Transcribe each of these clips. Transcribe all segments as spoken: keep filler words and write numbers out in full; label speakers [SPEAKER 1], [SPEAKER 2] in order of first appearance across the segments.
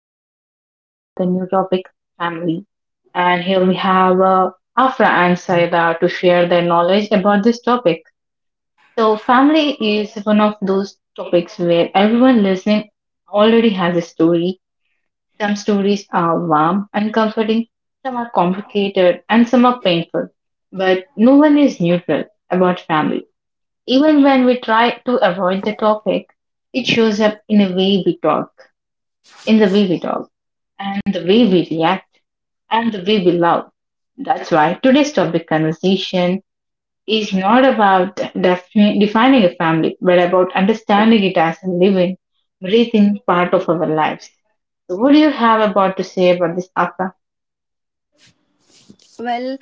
[SPEAKER 1] So, here I am with a new topic family, and here we have uh, Afra and Saida to share their knowledge about this topic. So, family is one of those topics where everyone listening already has a story. Some stories are warm and comforting, some are complicated, and some are painful. But no one is neutral about family. Even when we try to avoid the topic, it shows up in a way we talk in the way we talk and the way we react and the way we love. That's why today's topic conversation is not about defi- defining a family, but about understanding it as a living, breathing part of our lives. So, what do you have about to say about this, Akka?
[SPEAKER 2] Well,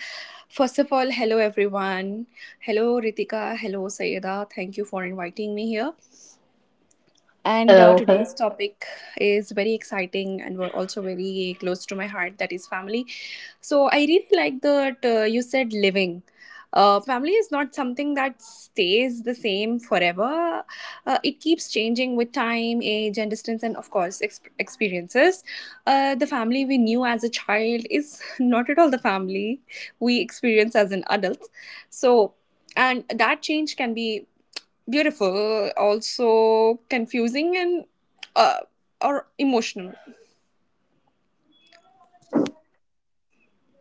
[SPEAKER 2] first of all, hello everyone. Hello Ritika, hello Sayeda. Thank you for inviting me here. And uh,
[SPEAKER 1] Hello, hello,
[SPEAKER 2] today's topic is very exciting and we're also very close to my heart, that is family. So I really like that uh, you said living. Uh, family is not something that stays the same forever. Uh, it keeps changing with time, age, and distance, and of course, ex- experiences. Uh, the family we knew as a child is not at all the family we experience as an adult. So, and that change can be beautiful, also confusing, and uh, or emotional.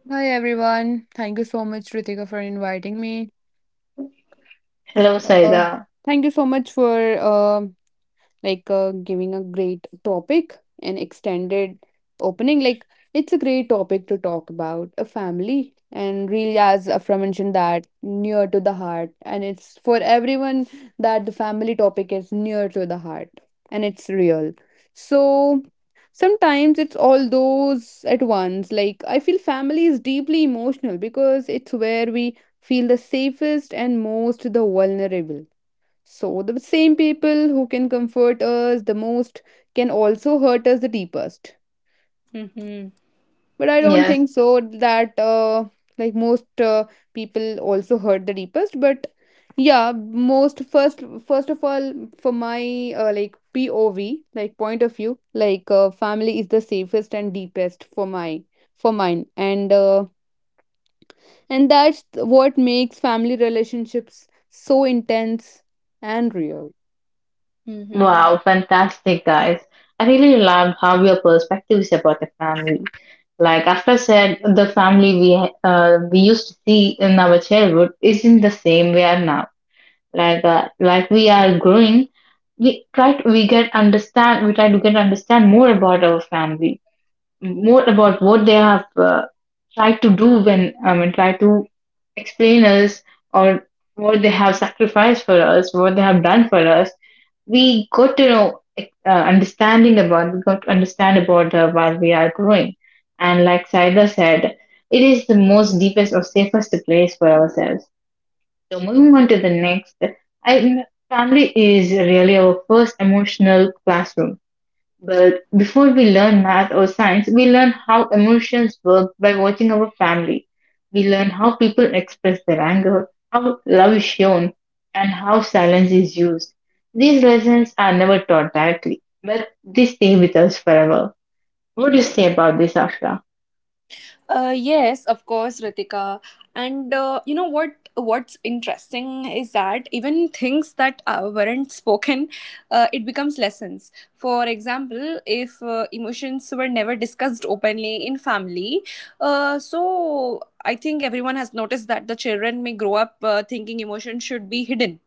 [SPEAKER 3] Hi everyone. Thank you so much, Ritika, for inviting me.
[SPEAKER 1] hello,
[SPEAKER 3] Uh,
[SPEAKER 1] Saida.
[SPEAKER 3] Thank you so much for uh, like uh, giving a great topic an extended opening. Like, it's a great topic to talk about a family and really, as afra mentioned, that near to the heart and it's for everyone, that the family topic is near to the heart and it's real. So sometimes it's all those at once. Like, I feel family is deeply emotional because it's where we feel the safest and most the vulnerable. So, the same people who can comfort us the most can also hurt us the deepest.
[SPEAKER 2] Mm-hmm.
[SPEAKER 3] But I don't
[SPEAKER 1] Yes.
[SPEAKER 3] think so that, uh, like, most uh, people also hurt the deepest. But yeah, most first, first of all, for my uh, like P O V, like point of view, like, uh, family is the safest and deepest for my for mine. And uh, and that's what makes family relationships so intense and real.
[SPEAKER 2] Mm-hmm.
[SPEAKER 1] Wow, fantastic, guys. I really love how your perspective is about the family. Like after said, the family we uh, we used to see in our childhood isn't the same we are now. Like uh, like we are growing, we try to, we get understand we try to get understand more about our family, more about what they have uh, try to do when I mean try to explain us or what they have sacrificed for us, what they have done for us. We got to know uh, understanding about we got to understand about uh, while we are growing, and like Saida said, it is the most deepest or safest place for ourselves. So moving on to the next, I family is really our first emotional classroom but before we learn math or science, we learn how emotions work by watching our family. We learn how people express their anger, how love is shown, and how silence is used. These lessons are never taught directly, but they stay with us forever. What do you say about this, Afra?
[SPEAKER 2] Uh, yes, of course, Ritika. And uh, you know what? What's interesting is that even things that uh, weren't spoken, uh, it becomes lessons. For example, if uh, emotions were never discussed openly in family, uh, so I think everyone has noticed that the children may grow up uh, thinking emotions should be hidden.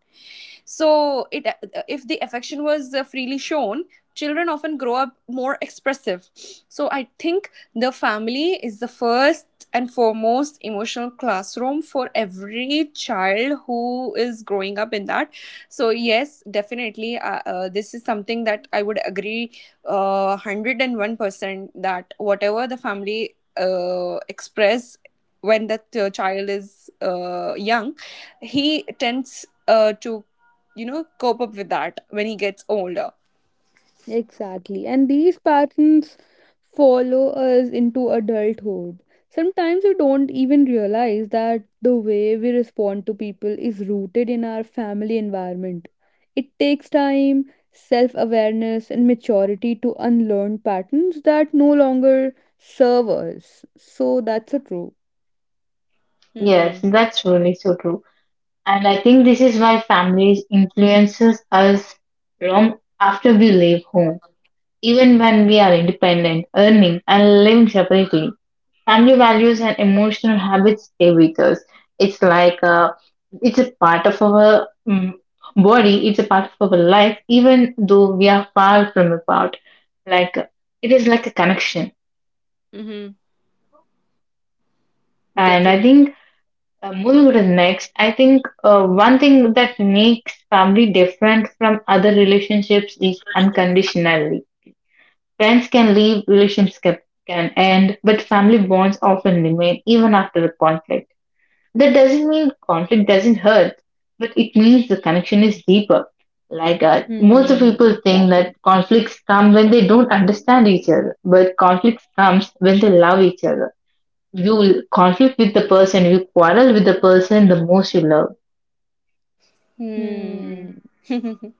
[SPEAKER 2] So, it uh, uh, if the affection was uh, freely shown, children often grow up more expressive. So, I think the family is the first and foremost emotional classroom for every child who is growing up in that. So, yes, definitely, uh, uh, this is something that I would agree uh, one hundred one percent that whatever the family uh, express when that uh, child is uh, young, he tends uh, to, you know, cope up with that when he gets older.
[SPEAKER 3] Exactly. And these patterns follow us into adulthood. Sometimes we don't even realize that the way we respond to people is rooted in our family environment. It takes time, self awareness, and maturity to unlearn patterns that no longer serve us. So that's a true.
[SPEAKER 1] Yes,
[SPEAKER 2] Mm-hmm.
[SPEAKER 1] that's really so true. And I think this is why families influences us long after we leave home. Even when we are independent, earning and living separately, family values and emotional habits stay with us. It's like uh, it's a part of our um, body. It's a part of our life, even though we are far from apart. Like uh, it is like a connection.
[SPEAKER 2] Mm-hmm.
[SPEAKER 1] And I
[SPEAKER 2] Definitely.
[SPEAKER 1] think uh, moving to the next, I think uh, one thing that makes family different from other relationships is unconditionally. Friends can leave, relationships can can end, but family bonds often remain even after a conflict. That doesn't mean conflict doesn't hurt, but it means the connection is deeper. Like uh, most of
[SPEAKER 3] Hmm,
[SPEAKER 1] people think that
[SPEAKER 3] exactly.
[SPEAKER 1] conflicts come when they don't understand each other, but conflicts comes when they love each other. You will conflict with the person, you quarrel with the person the most you love.
[SPEAKER 2] Hmm.
[SPEAKER 3] Hmm.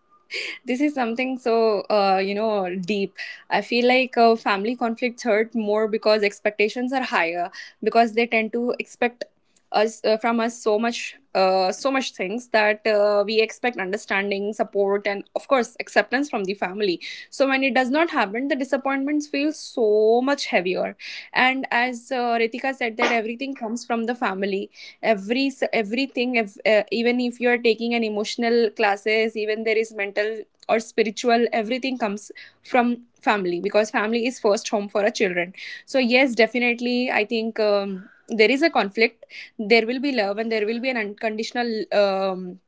[SPEAKER 2] This is something so uh, you know, deep. I feel like uh, family conflicts hurt more because expectations are higher, because they tend to expect us uh, from us so much, uh, so much things that uh, we expect understanding, support, and of course acceptance from the family. So when it does not happen, the disappointments feel so much heavier. And as uh, Ritika said, that everything comes from the family. every Everything, if, uh, even if you are taking an emotional classes, even there is mental or spiritual, everything comes from family, because family is first home for a children. So yes, definitely I think um, there is a conflict, there will be love, and there will be an unconditional um,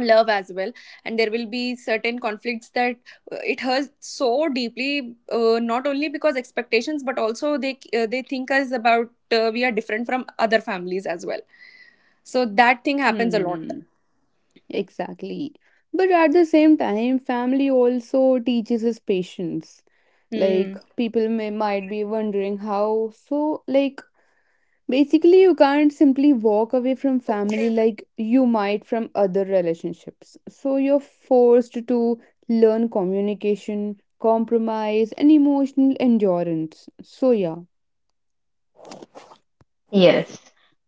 [SPEAKER 2] love as well. And there will be certain conflicts that uh, it hurts so deeply, uh, not only because expectations, but also they uh, they think us about uh, we are different from other families as well. So that thing happens a lot.
[SPEAKER 3] Hmm. Exactly. But at the same time, family also teaches us patience.
[SPEAKER 2] Mm.
[SPEAKER 3] Like, people may might be wondering how. So, like, basically you can't simply walk away from family like you might from other relationships. So you're forced to learn communication, compromise, and emotional endurance. So yeah.
[SPEAKER 1] Yes.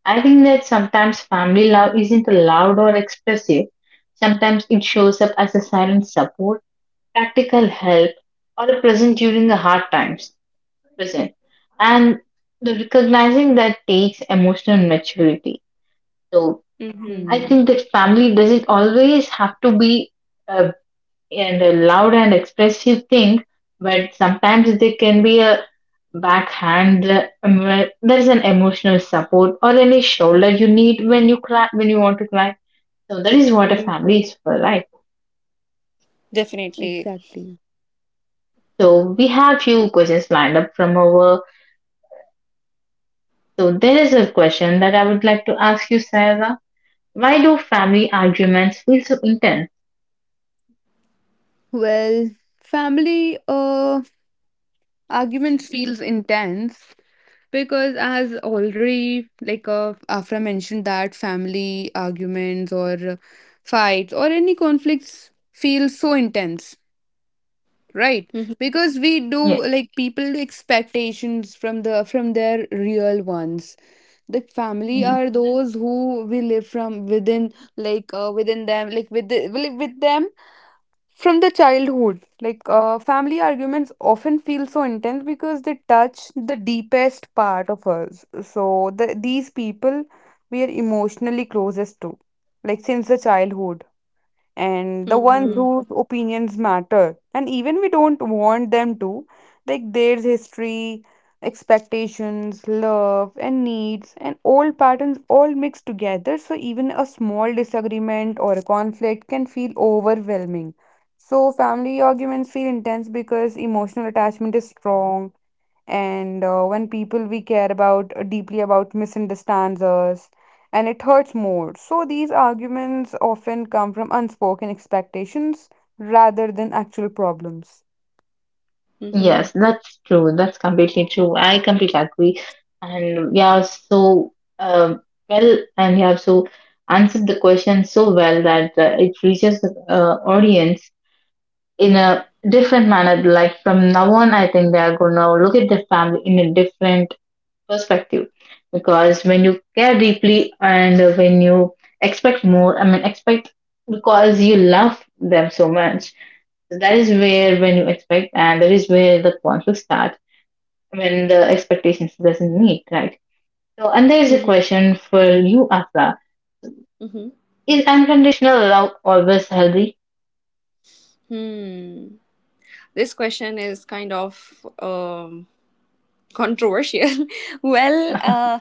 [SPEAKER 1] I think that sometimes family love isn't loud or expressive. Sometimes it shows up as a silent support, practical help, or a present during the hard times. Present. And the recognizing that takes emotional maturity. So
[SPEAKER 2] Mm-hmm.
[SPEAKER 3] Hmm,
[SPEAKER 1] I think that family doesn't always have to be a, and a loud and expressive thing, but sometimes they can be a backhand. um, uh, em- There is an emotional support or any shoulder you need when you cry, when you want to cry. So that is what a
[SPEAKER 2] Mm-hmm.
[SPEAKER 1] family is for, right?
[SPEAKER 2] Definitely.
[SPEAKER 3] exactly.
[SPEAKER 1] So we have few questions lined up from over. So there is a question that I would like to ask you, Sarah. Why do family arguments feel so intense?
[SPEAKER 3] Well, family uh arguments feels intense because, as already like uh, afra mentioned, that family arguments or uh, fights or any conflicts feel so intense, right?
[SPEAKER 2] Mm-hmm.
[SPEAKER 3] Because we do,
[SPEAKER 1] Yeah.
[SPEAKER 3] like, people do expectations from the from their real ones. The family
[SPEAKER 1] Mm.
[SPEAKER 3] are those who we live from within, like uh, within them, like with the, like with them from the childhood. Like uh, family arguments often feel so intense because they touch the deepest part of us. So the, these people we are emotionally closest to, like, since the childhood, and the ones
[SPEAKER 2] Mm-hmm.
[SPEAKER 3] whose opinions matter. And even we don't want them to, like, there's history, expectations, love, and needs, and old patterns all mixed together. So even a small disagreement or a conflict can feel overwhelming. So family arguments feel intense because emotional attachment is strong, and uh, when people we care about uh, deeply about misunderstands us, and it hurts more. So these arguments often come from unspoken expectations rather than actual problems.
[SPEAKER 2] Mm-hmm.
[SPEAKER 1] Yes, that's true. That's completely true. I completely agree. And we have so um well, and we have so answered the question so well that uh, it reaches the uh, audience in a different manner. Like from now on, I think they are going to look at their family in a different perspective because when you care deeply and when you expect more I mean expect because you love them so much, that is where when you expect and that is where the conflict starts when the expectations doesn't meet, right? So and there is a
[SPEAKER 2] Mm-hmm.
[SPEAKER 1] question for you, Afra. Is
[SPEAKER 2] Mm-hmm.
[SPEAKER 1] unconditional love always healthy?
[SPEAKER 2] Hmm. This question is kind of um, controversial. Well, uh,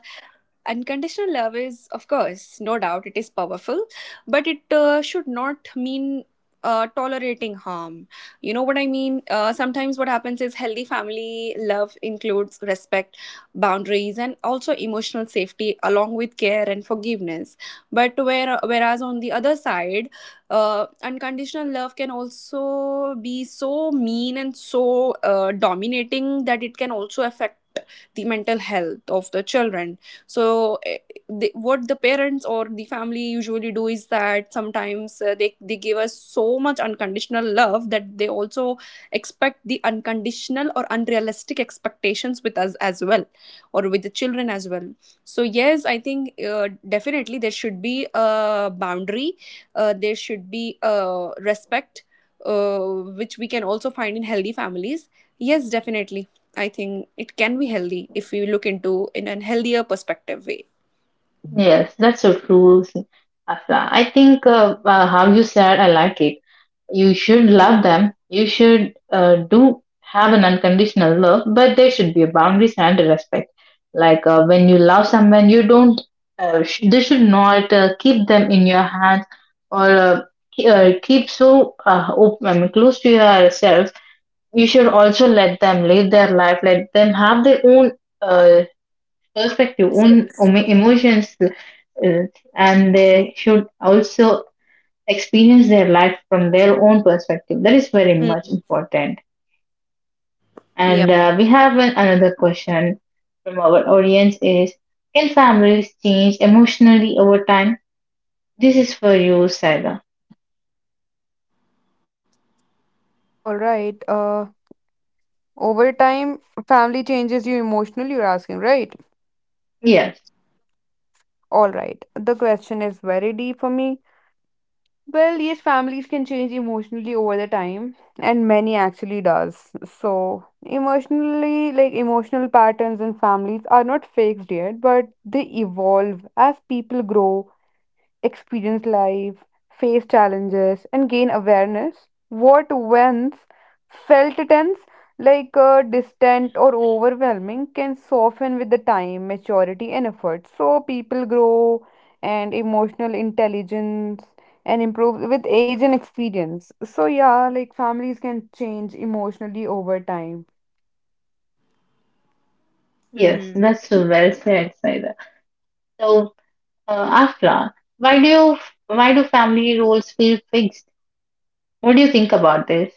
[SPEAKER 2] unconditional love is, of course, no doubt, it is powerful, but it uh, should not mean uh, tolerating harm. You know what I mean? Uh, sometimes what happens is healthy family love includes respect, boundaries, and also emotional safety, along with care and forgiveness. But where, whereas on the other side, uh, unconditional love can also be so mean and so uh, dominating that it can also affect the mental health of the children. So eh, the, what the parents or the family usually do is that sometimes uh, they, they give us so much unconditional love that they also expect the unconditional or unrealistic expectations with us as well, or with the children as well. So yes, I think uh, definitely there should be a boundary, uh, there should be a respect, uh, which we can also find in healthy families. Yes, definitely. I think it can be healthy if we look into in a healthier perspective way.
[SPEAKER 1] Yes, that's so true, s- Afra. I think uh, uh, how you said, I like it. You should love
[SPEAKER 2] Mm-hmm.
[SPEAKER 1] them. You should uh, do have an unconditional love, but there should be boundaries and respect. Like uh, when you love someone, you don't. Uh, sh- they should not uh, keep them in your hands or uh, ke- uh, keep so uh, open, I mean, close to yourself. You should also let them live their life. Let them have their own. Uh, perspective, own
[SPEAKER 2] Space.
[SPEAKER 1] um, emotions, uh, and they should also experience their life from their own perspective. That is very much
[SPEAKER 2] Mm.
[SPEAKER 1] important. And
[SPEAKER 2] Yep.
[SPEAKER 1] uh, we have an, another question from our audience is, can families change emotionally over time? This is for you, Saida.
[SPEAKER 3] All right. Uh over time, family changes you emotionally, you're asking, right?
[SPEAKER 1] Yes,
[SPEAKER 3] All right, the question is very deep for me. Well, yes, families can change emotionally over the time, and many actually does. So, emotionally, like, emotional patterns in families are not fixed yet, but they evolve as people grow, experience life, face challenges, and gain awareness. What once felt tense, like uh, distant or overwhelming, can soften with the time, maturity, and effort. So people grow, and emotional intelligence, and improve with age and experience. So, yeah, like, families can change emotionally over time.
[SPEAKER 1] yes,
[SPEAKER 2] Mm-hmm.
[SPEAKER 1] that's so well said, Saida. So, uh, Afla, why do you, why do family roles feel fixed? What do you think about this?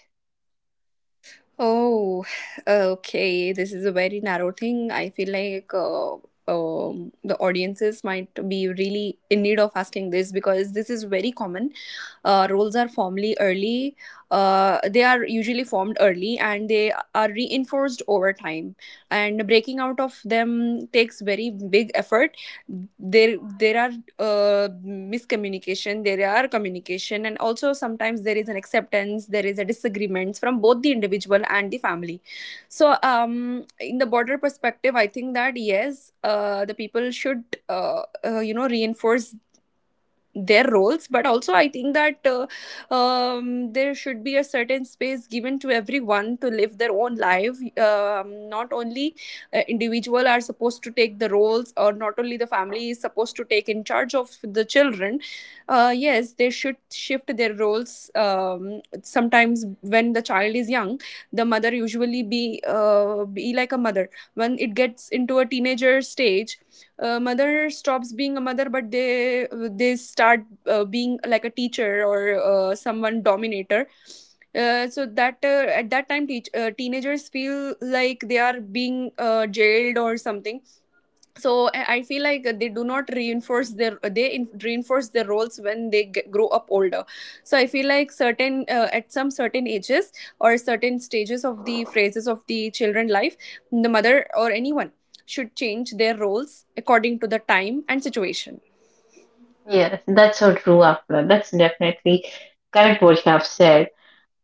[SPEAKER 2] Oh, okay. This is a very narrow thing. I feel like uh, um, the audiences might be really in need of asking this because this is very common. Uh, roles are formally early. Uh, they are usually formed early and they are reinforced over time. And breaking out of them takes very big effort. There there are uh, miscommunication, there are communication, and also sometimes there is an acceptance, there is a disagreements from both the individual and the family. So um in the border perspective, I think that yes, uh, the people should uh, uh, you know, reinforce their roles, but also I think that uh, um, there should be a certain space given to everyone to live their own life. Um, not only uh, individual are supposed to take the roles, or not only the family is supposed to take in charge of the children. Uh, yes, they should shift their roles. Um, sometimes when the child is young, the mother usually be uh, be like a mother. When it gets into a teenager stage, uh, mother stops being a mother, but they they start uh, being like a teacher or uh, someone dominator. Uh, so that uh, at that time, teach, uh, teenagers feel like they are being uh, jailed or something. So i I feel like they do not reinforce their, they in, reinforce their roles when they get, grow up older. So I feel like certain, uh, at some certain ages, or certain stages of the phases of the children life, the mother or anyone should change their roles according to the time and situation.
[SPEAKER 1] Yes, that's so true, Afra. That's definitely correct what you have said.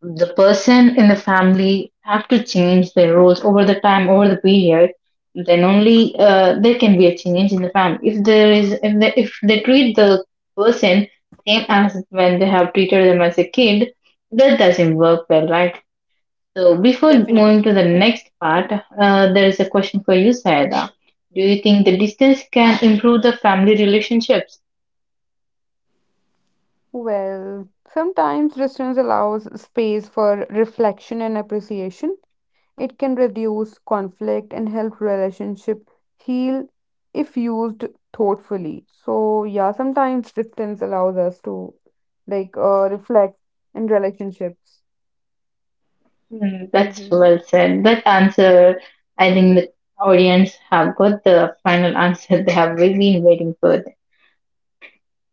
[SPEAKER 1] The person in the family have to change their roles over the time, over the period. Then only uh, there can be a change in the family. If there is, if they, if they treat the person same as when they have treated them as a kid, that doesn't work well, right? So before
[SPEAKER 2] Definitely.
[SPEAKER 1] moving to the next part, uh, there is a question for you, Saida. Do you think the distance can improve the family relationships?
[SPEAKER 3] Well, sometimes distance allows space for reflection and appreciation. It can reduce conflict and help relationship heal if used thoughtfully. So yeah, sometimes distance allows us to like uh, reflect in relationships.
[SPEAKER 1] Mm, that's
[SPEAKER 2] Mm-hmm.
[SPEAKER 1] well said. That answer, I think the audience have got the final answer they have really been waiting for.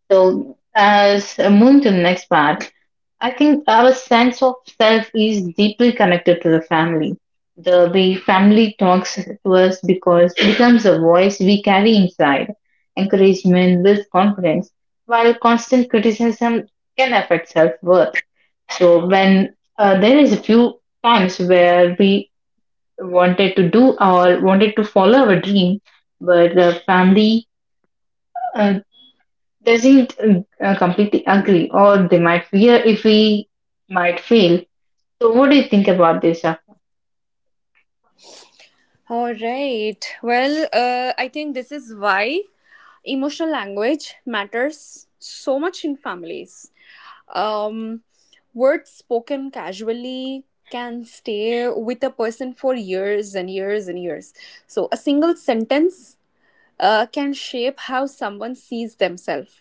[SPEAKER 1] So, as uh, moving to the next part, I think our sense of self is deeply connected to the family. The way family talks to us because becomes a voice we carry inside. Encouragement builds confidence, while constant criticism can affect self worth. So, when uh, there is a few times where we wanted to do or wanted to follow our dream, but the family uh, doesn't uh, completely agree, or they might fear if we might fail. So, what do you think about this, Afra?
[SPEAKER 2] All right. Well, uh, I think this is why emotional language matters so much in families. Um, Words spoken casually can stay with a person for years and years and years. So, a single sentence uh, can shape how someone sees themselves.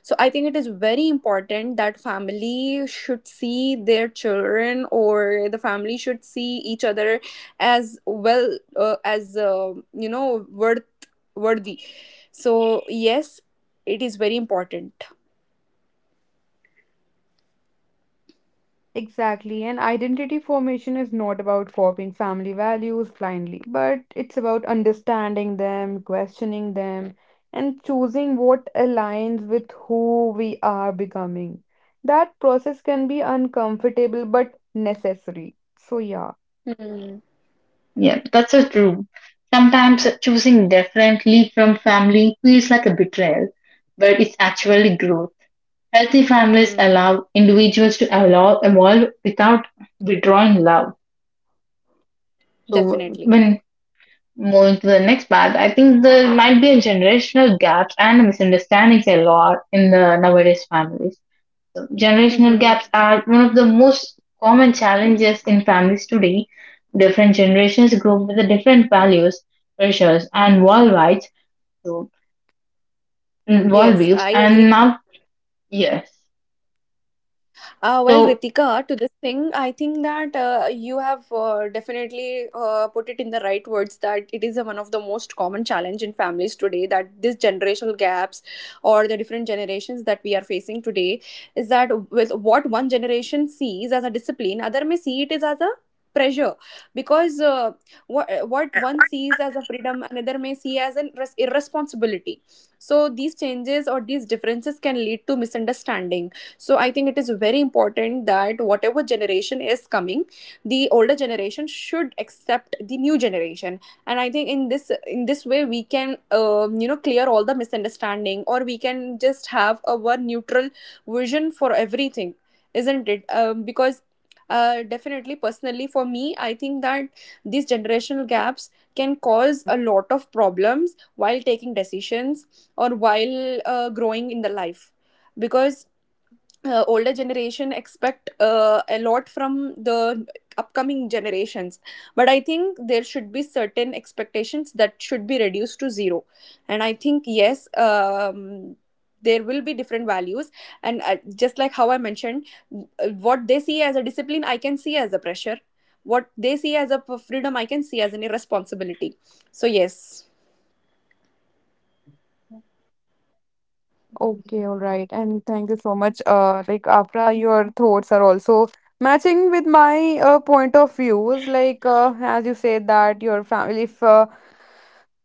[SPEAKER 2] So, I think it is very important that family should see their children, or the family should see each other as well, uh, as uh, you know, worth worthy. So, yes, it is very important.
[SPEAKER 3] Exactly. And identity formation is not about copying family values blindly, but it's about understanding them, questioning them, and choosing what aligns with who we are becoming. That process can be uncomfortable but necessary. So, yeah.
[SPEAKER 2] Hmm.
[SPEAKER 1] Yeah, that's so true. Sometimes choosing differently from family feels like a betrayal, but it's actually growth. Healthy families
[SPEAKER 2] Hmm.
[SPEAKER 1] allow individuals to allow, evolve without withdrawing love. So
[SPEAKER 2] Definitely.
[SPEAKER 1] when moving to the next part, I think there might be a generational gaps and misunderstandings a lot in the nowadays families. So generational
[SPEAKER 2] Mm-hmm.
[SPEAKER 1] gaps are one of the most common challenges in families today. Different generations grow up with the different values, pressures, and worldwide so
[SPEAKER 2] Yes,
[SPEAKER 1] worldviews.
[SPEAKER 2] I
[SPEAKER 1] And
[SPEAKER 2] agree.
[SPEAKER 1] now, yes,
[SPEAKER 2] Uh, well,
[SPEAKER 1] so
[SPEAKER 2] Ritika, to this thing, I think that uh, you have uh, definitely uh, put it in the right words, that it is a, one of the most common challenge in families today, that this generational gaps or the different generations that we are facing today, is that with what one generation sees as a discipline, other may see it is as a pressure. Because uh, what, what one sees as a freedom, another may see as an irres- irresponsibility. So these changes or these differences can lead to misunderstanding. So I think it is very important that whatever generation is coming, the older generation should accept the new generation. And I think in this, in this way, we can um, you know, clear all the misunderstanding, or we can just have a one neutral vision for everything, isn't it? Um, because uh, definitely personally for me, I think that these generational gaps can cause a lot of problems while taking decisions, or while uh, growing in the life. Because uh, older generation expect uh, a lot from the upcoming generations, but I think there should be certain expectations that should be reduced to zero. And I think yes, um, there will be different values, and uh, just like how I mentioned, uh, what they see as a discipline, I can see as a pressure. What they see as a f- freedom, I can see as an irresponsibility. So yes.
[SPEAKER 3] Okay, all right. And thank you so much. Uh, like, Afra, your thoughts are also matching with my uh, point of views. Like, uh, as you said that your family, if uh,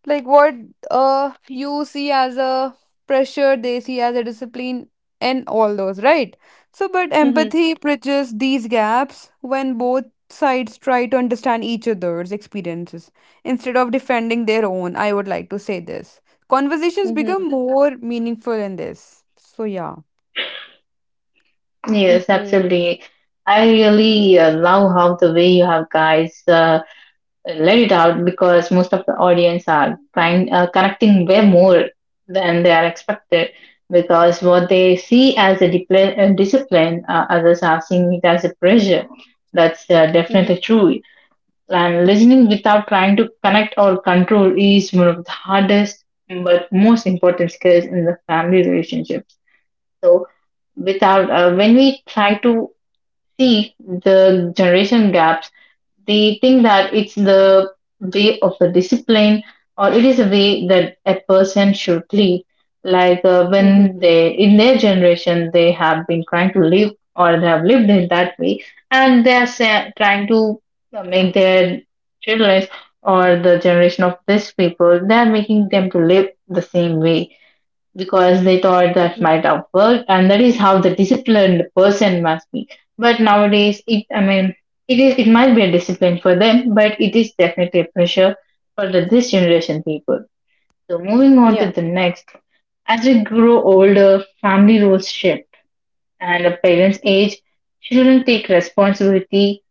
[SPEAKER 3] like, what uh you see as a pressure, they see as a discipline, and all those, right? So but
[SPEAKER 2] Mhm,
[SPEAKER 3] empathy bridges these gaps when both sides try to understand each other's experiences instead of defending their own. I would like to say this: conversations
[SPEAKER 2] mhm,
[SPEAKER 3] become more meaningful in this. So yeah.
[SPEAKER 1] yes,
[SPEAKER 2] mhm,
[SPEAKER 1] absolutely. I really uh, love how the way you have guys uh, let it out because most of the audience are trying uh, connecting way more than they are expected because what they see as a dipl- uh, discipline uh, others are seeing it as a pressure. That's uh,
[SPEAKER 2] mhm,
[SPEAKER 1] definitely true. And listening without trying to connect or control is one of the hardest but most important skills in the family relationships. So without uh, when we try to see the generation gaps, they think that it's the way of the discipline or it is a way that a person should live. Like uh,
[SPEAKER 2] mhm,
[SPEAKER 1] when they in their generation they have been trying to live or they have lived in that way and they are sa- trying to uh, make their children or the generation of these people they are making them to live the same way because they thought that
[SPEAKER 2] mhm.
[SPEAKER 1] might have worked and that is how the disciplined person must be. But nowadays it I mean it is it might be a discipline for them but it is definitely a pressure for the this generation people. So moving on
[SPEAKER 2] Yeah.
[SPEAKER 1] to the next, as we grow older family roles shift and a parents age children take responsibility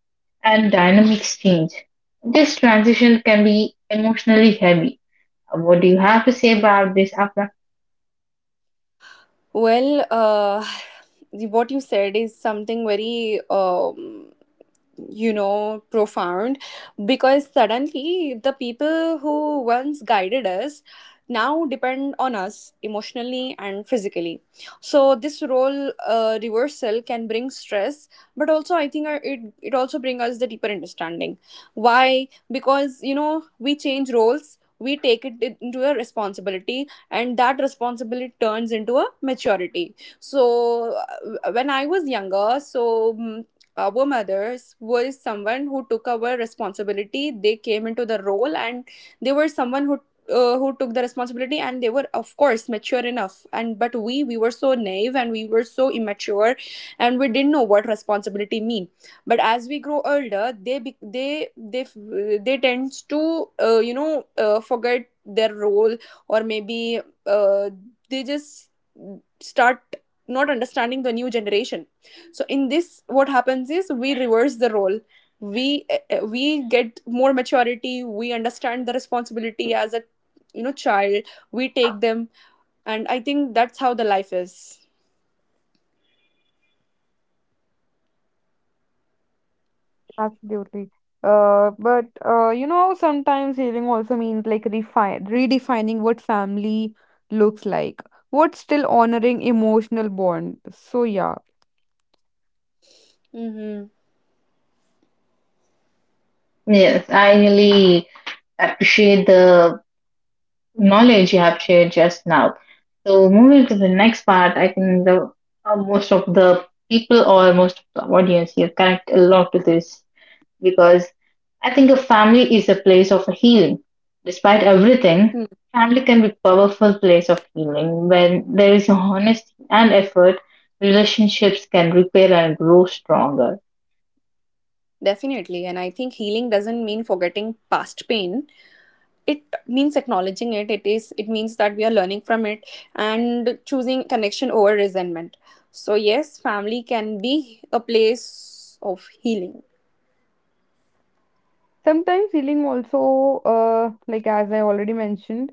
[SPEAKER 1] and dynamics change. This transition can be emotionally heavy. What do you have to say about this, Afra?
[SPEAKER 2] Well, uh, what you said is something very um, you know, profound. Because suddenly the people who once guided us now depend on us emotionally and physically. So this role uh, reversal can bring stress, but also I think uh, it it also brings us the deeper understanding. Why? Because you know, we change roles, we take it in- into a responsibility, and that responsibility turns into a maturity. So uh, when I was younger, so, mm, our mothers were someone who took our responsibility. They came into the role, and they were someone who uh, who took the responsibility, and they were of course mature enough. And but we we were so naive, and we were so immature, and we didn't know what responsibility mean. But as we grow older, they be, they they f- they tends to uh, you know, uh, forget their role, or maybe uh, they just start not understanding the new generation. So in this, what happens is we reverse the role. We uh, we get more maturity, we understand the responsibility as a, you know, child, we take them. And I think that's how the life is.
[SPEAKER 3] Absolutely. Uh, but uh, you know, sometimes healing also means, like, refine redefining what family looks like, what still honoring emotional bond. So yeah,
[SPEAKER 2] Mm-hmm.
[SPEAKER 1] Yes, I really appreciate the knowledge you have shared just now. So moving to the next part, I think the uh, most of the people or most of the audience here connect a lot to this because I think a family is a place of healing. Despite everything,
[SPEAKER 2] Hmm.
[SPEAKER 1] family can be powerful place of healing. When there is honesty and effort, relationships can repair and grow stronger.
[SPEAKER 2] Definitely. And I think healing doesn't mean forgetting past pain. It means acknowledging it. It is It means that we are learning from it and choosing connection over resentment. So yes, family can be a place of healing.
[SPEAKER 3] sometimes healing also, uh, like, as I already mentioned,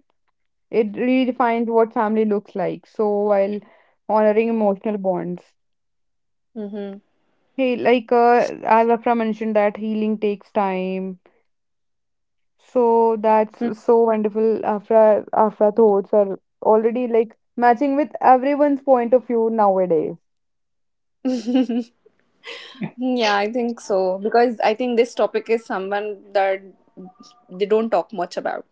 [SPEAKER 3] it redefines what family looks like. So while honoring emotional bonds,
[SPEAKER 2] Mm-hmm.
[SPEAKER 3] hey, like uh, as Afra mentioned, that healing takes time. So that's so wonderful. Afra Afra thoughts are already, like, matching with everyone's point of view nowadays.
[SPEAKER 2] Yeah, I think so, because I think this topic is someone that they don't talk much about.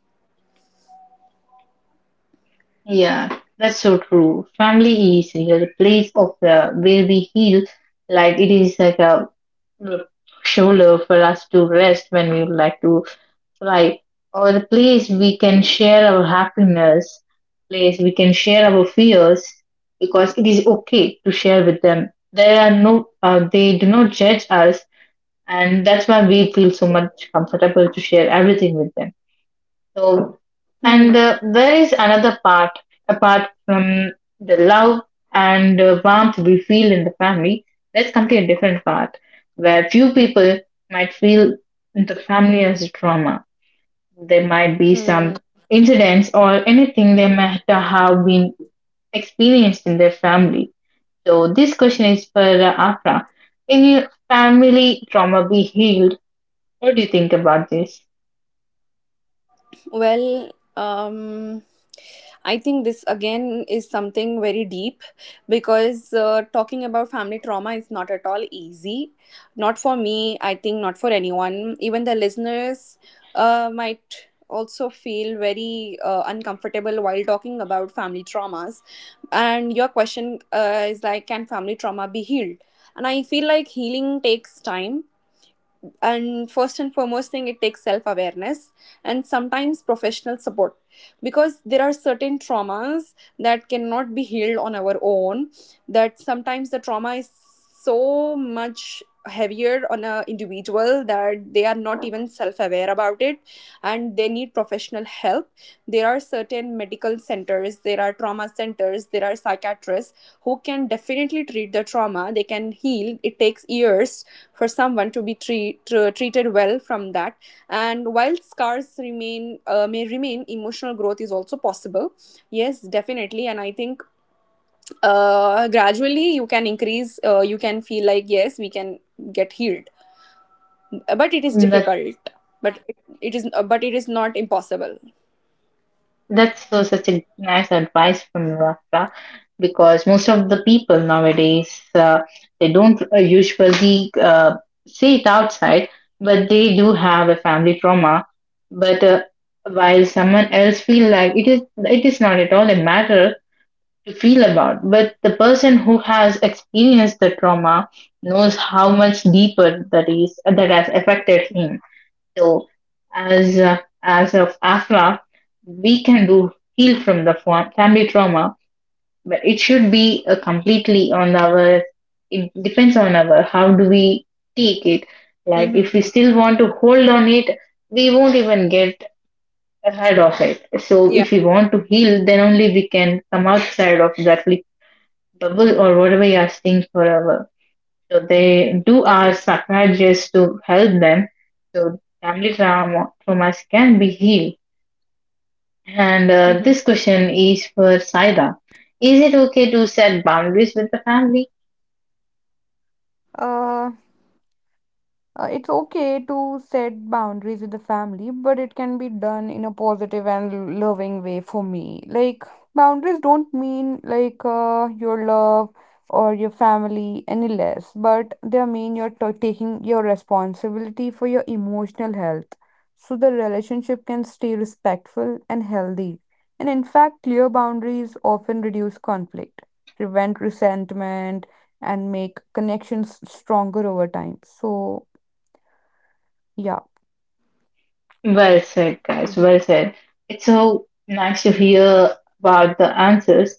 [SPEAKER 1] Yeah, that's so true. Family is like a place of uh, where we heal. Like it is like a uh, shoulder for us to rest when we would like to cry, or the place we can share our happiness, place we can share our fears, because it is okay to share with them. There are no, uh, they do not judge us, and that's why we feel so much comfortable to share everything with them. So, and
[SPEAKER 2] Hmm.
[SPEAKER 1] uh, there is another part, apart from the love and uh, warmth we feel in the family. Let's come to a different part where few people might feel the family as a trauma. There might be
[SPEAKER 2] Hmm.
[SPEAKER 1] some incidents or anything they might have been experienced in their family. So, this question is for uh, Afra. Can your family trauma be healed? What do you think about this?
[SPEAKER 2] Well, um, I think this again is something very deep, because uh, talking about family trauma is not at all easy. Not for me, I think not for anyone. Even the listeners uh, might also feel very uh, uncomfortable while talking about family traumas. And your question uh, is like, can family trauma be healed? And I feel like healing takes time, and first and foremost thing, it takes self awareness and sometimes professional support. Because there are certain traumas that cannot be healed on our own, that sometimes the trauma is so much heavier on a individual that they are not even self aware about it, and they need professional help. There are certain medical centers, there are trauma centers, there are psychiatrists who can definitely treat the trauma, they can heal. It takes years for someone to be treat, tr- treated well from that. And while scars remain, uh, may remain, emotional growth is also possible. Yes, definitely. And I think uh, gradually you can increase, uh, you can feel like yes, we can get healed, but it is
[SPEAKER 1] That's
[SPEAKER 2] difficult. but it, it is, uh, but it is not impossible.
[SPEAKER 1] That's so such a nice advice from you, Rafa, because most of the people nowadays uh, they don't uh, usually uh, say it outside, but they do have a family trauma. But uh, while someone else feel like it is, it is not at all a matter to feel about. But the person who has experienced the trauma knows how much deeper that is that has affected him. So, as uh, as of AFLA, we can do heal from the fa- family trauma, but it should be uh, completely on our. It depends on our how do we take it. Like if we
[SPEAKER 2] Mm-hmm.
[SPEAKER 1] still want to hold on it, we won't even get ahead of it. So
[SPEAKER 2] Yeah,
[SPEAKER 1] if we want to heal, then only we can come outside of that li- bubble or whatever you are seeing forever. So they do ask
[SPEAKER 2] definitely.
[SPEAKER 1] psychiatrists to help them. So family trauma, traumas can be healed. And uh,
[SPEAKER 2] Mm-hmm.
[SPEAKER 1] this question is for Saida. Is it okay to set boundaries with the family?
[SPEAKER 3] Uh, Uh, it's okay to set boundaries with the family, but it can be done in a positive and loving way for me. Like, boundaries don't mean, like uh, your love or your family any less, but they mean you're t- taking your responsibility for your emotional health. So the relationship can stay respectful and healthy. And in fact, clear boundaries often reduce conflict, prevent resentment, and make connections stronger over time. So, yeah,
[SPEAKER 1] Well said, guys.
[SPEAKER 2] Mm-hmm.
[SPEAKER 1] Well said. It's so nice to hear about the answers,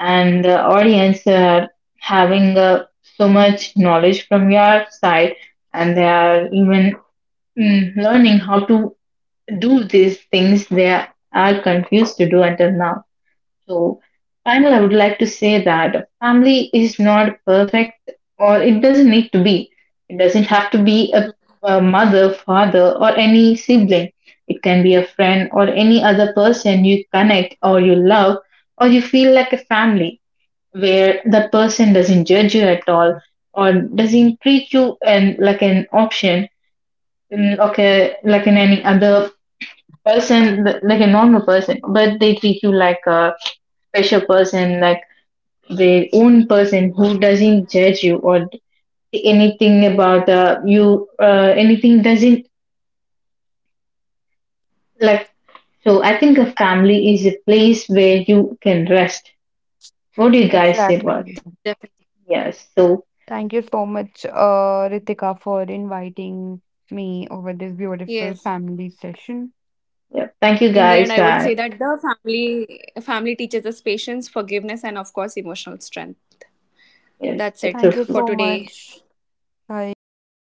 [SPEAKER 1] and the audience are having uh, so much knowledge from your side, and they are even mm, learning how to do these things they are confused to do until now. So, finally, I would like to say that family is not perfect or it doesn't need to be. It doesn't have to be a,
[SPEAKER 2] Mm-hmm.
[SPEAKER 1] a mother, father, or any sibling. It can be a friend or any other person you connect or you love or you feel like a family where that person doesn't judge you at all or doesn't treat you and like an option mm, okay like in any other person th- like a normal person but they treat you like a special person like their own person who doesn't judge you or anything about uh, you uh, anything doesn't like, so I think a family is a place where you can rest. What do you guys say about it?
[SPEAKER 3] exactly.
[SPEAKER 2] Definitely.
[SPEAKER 1] Yes, so
[SPEAKER 3] Thank you so much, uh, Ritika, for inviting me over this beautiful
[SPEAKER 2] Yes.
[SPEAKER 3] family session.
[SPEAKER 1] yeah, thank you
[SPEAKER 2] In the end,
[SPEAKER 1] guys,
[SPEAKER 2] I would say
[SPEAKER 1] I
[SPEAKER 2] that the family family teaches us patience, forgiveness, and of course emotional strength.
[SPEAKER 1] yes
[SPEAKER 2] That's
[SPEAKER 1] that's so
[SPEAKER 2] it
[SPEAKER 3] Thank you
[SPEAKER 2] for
[SPEAKER 1] true,
[SPEAKER 3] so
[SPEAKER 2] today.
[SPEAKER 3] much.
[SPEAKER 1] thank
[SPEAKER 3] Bye.
[SPEAKER 1] you guys.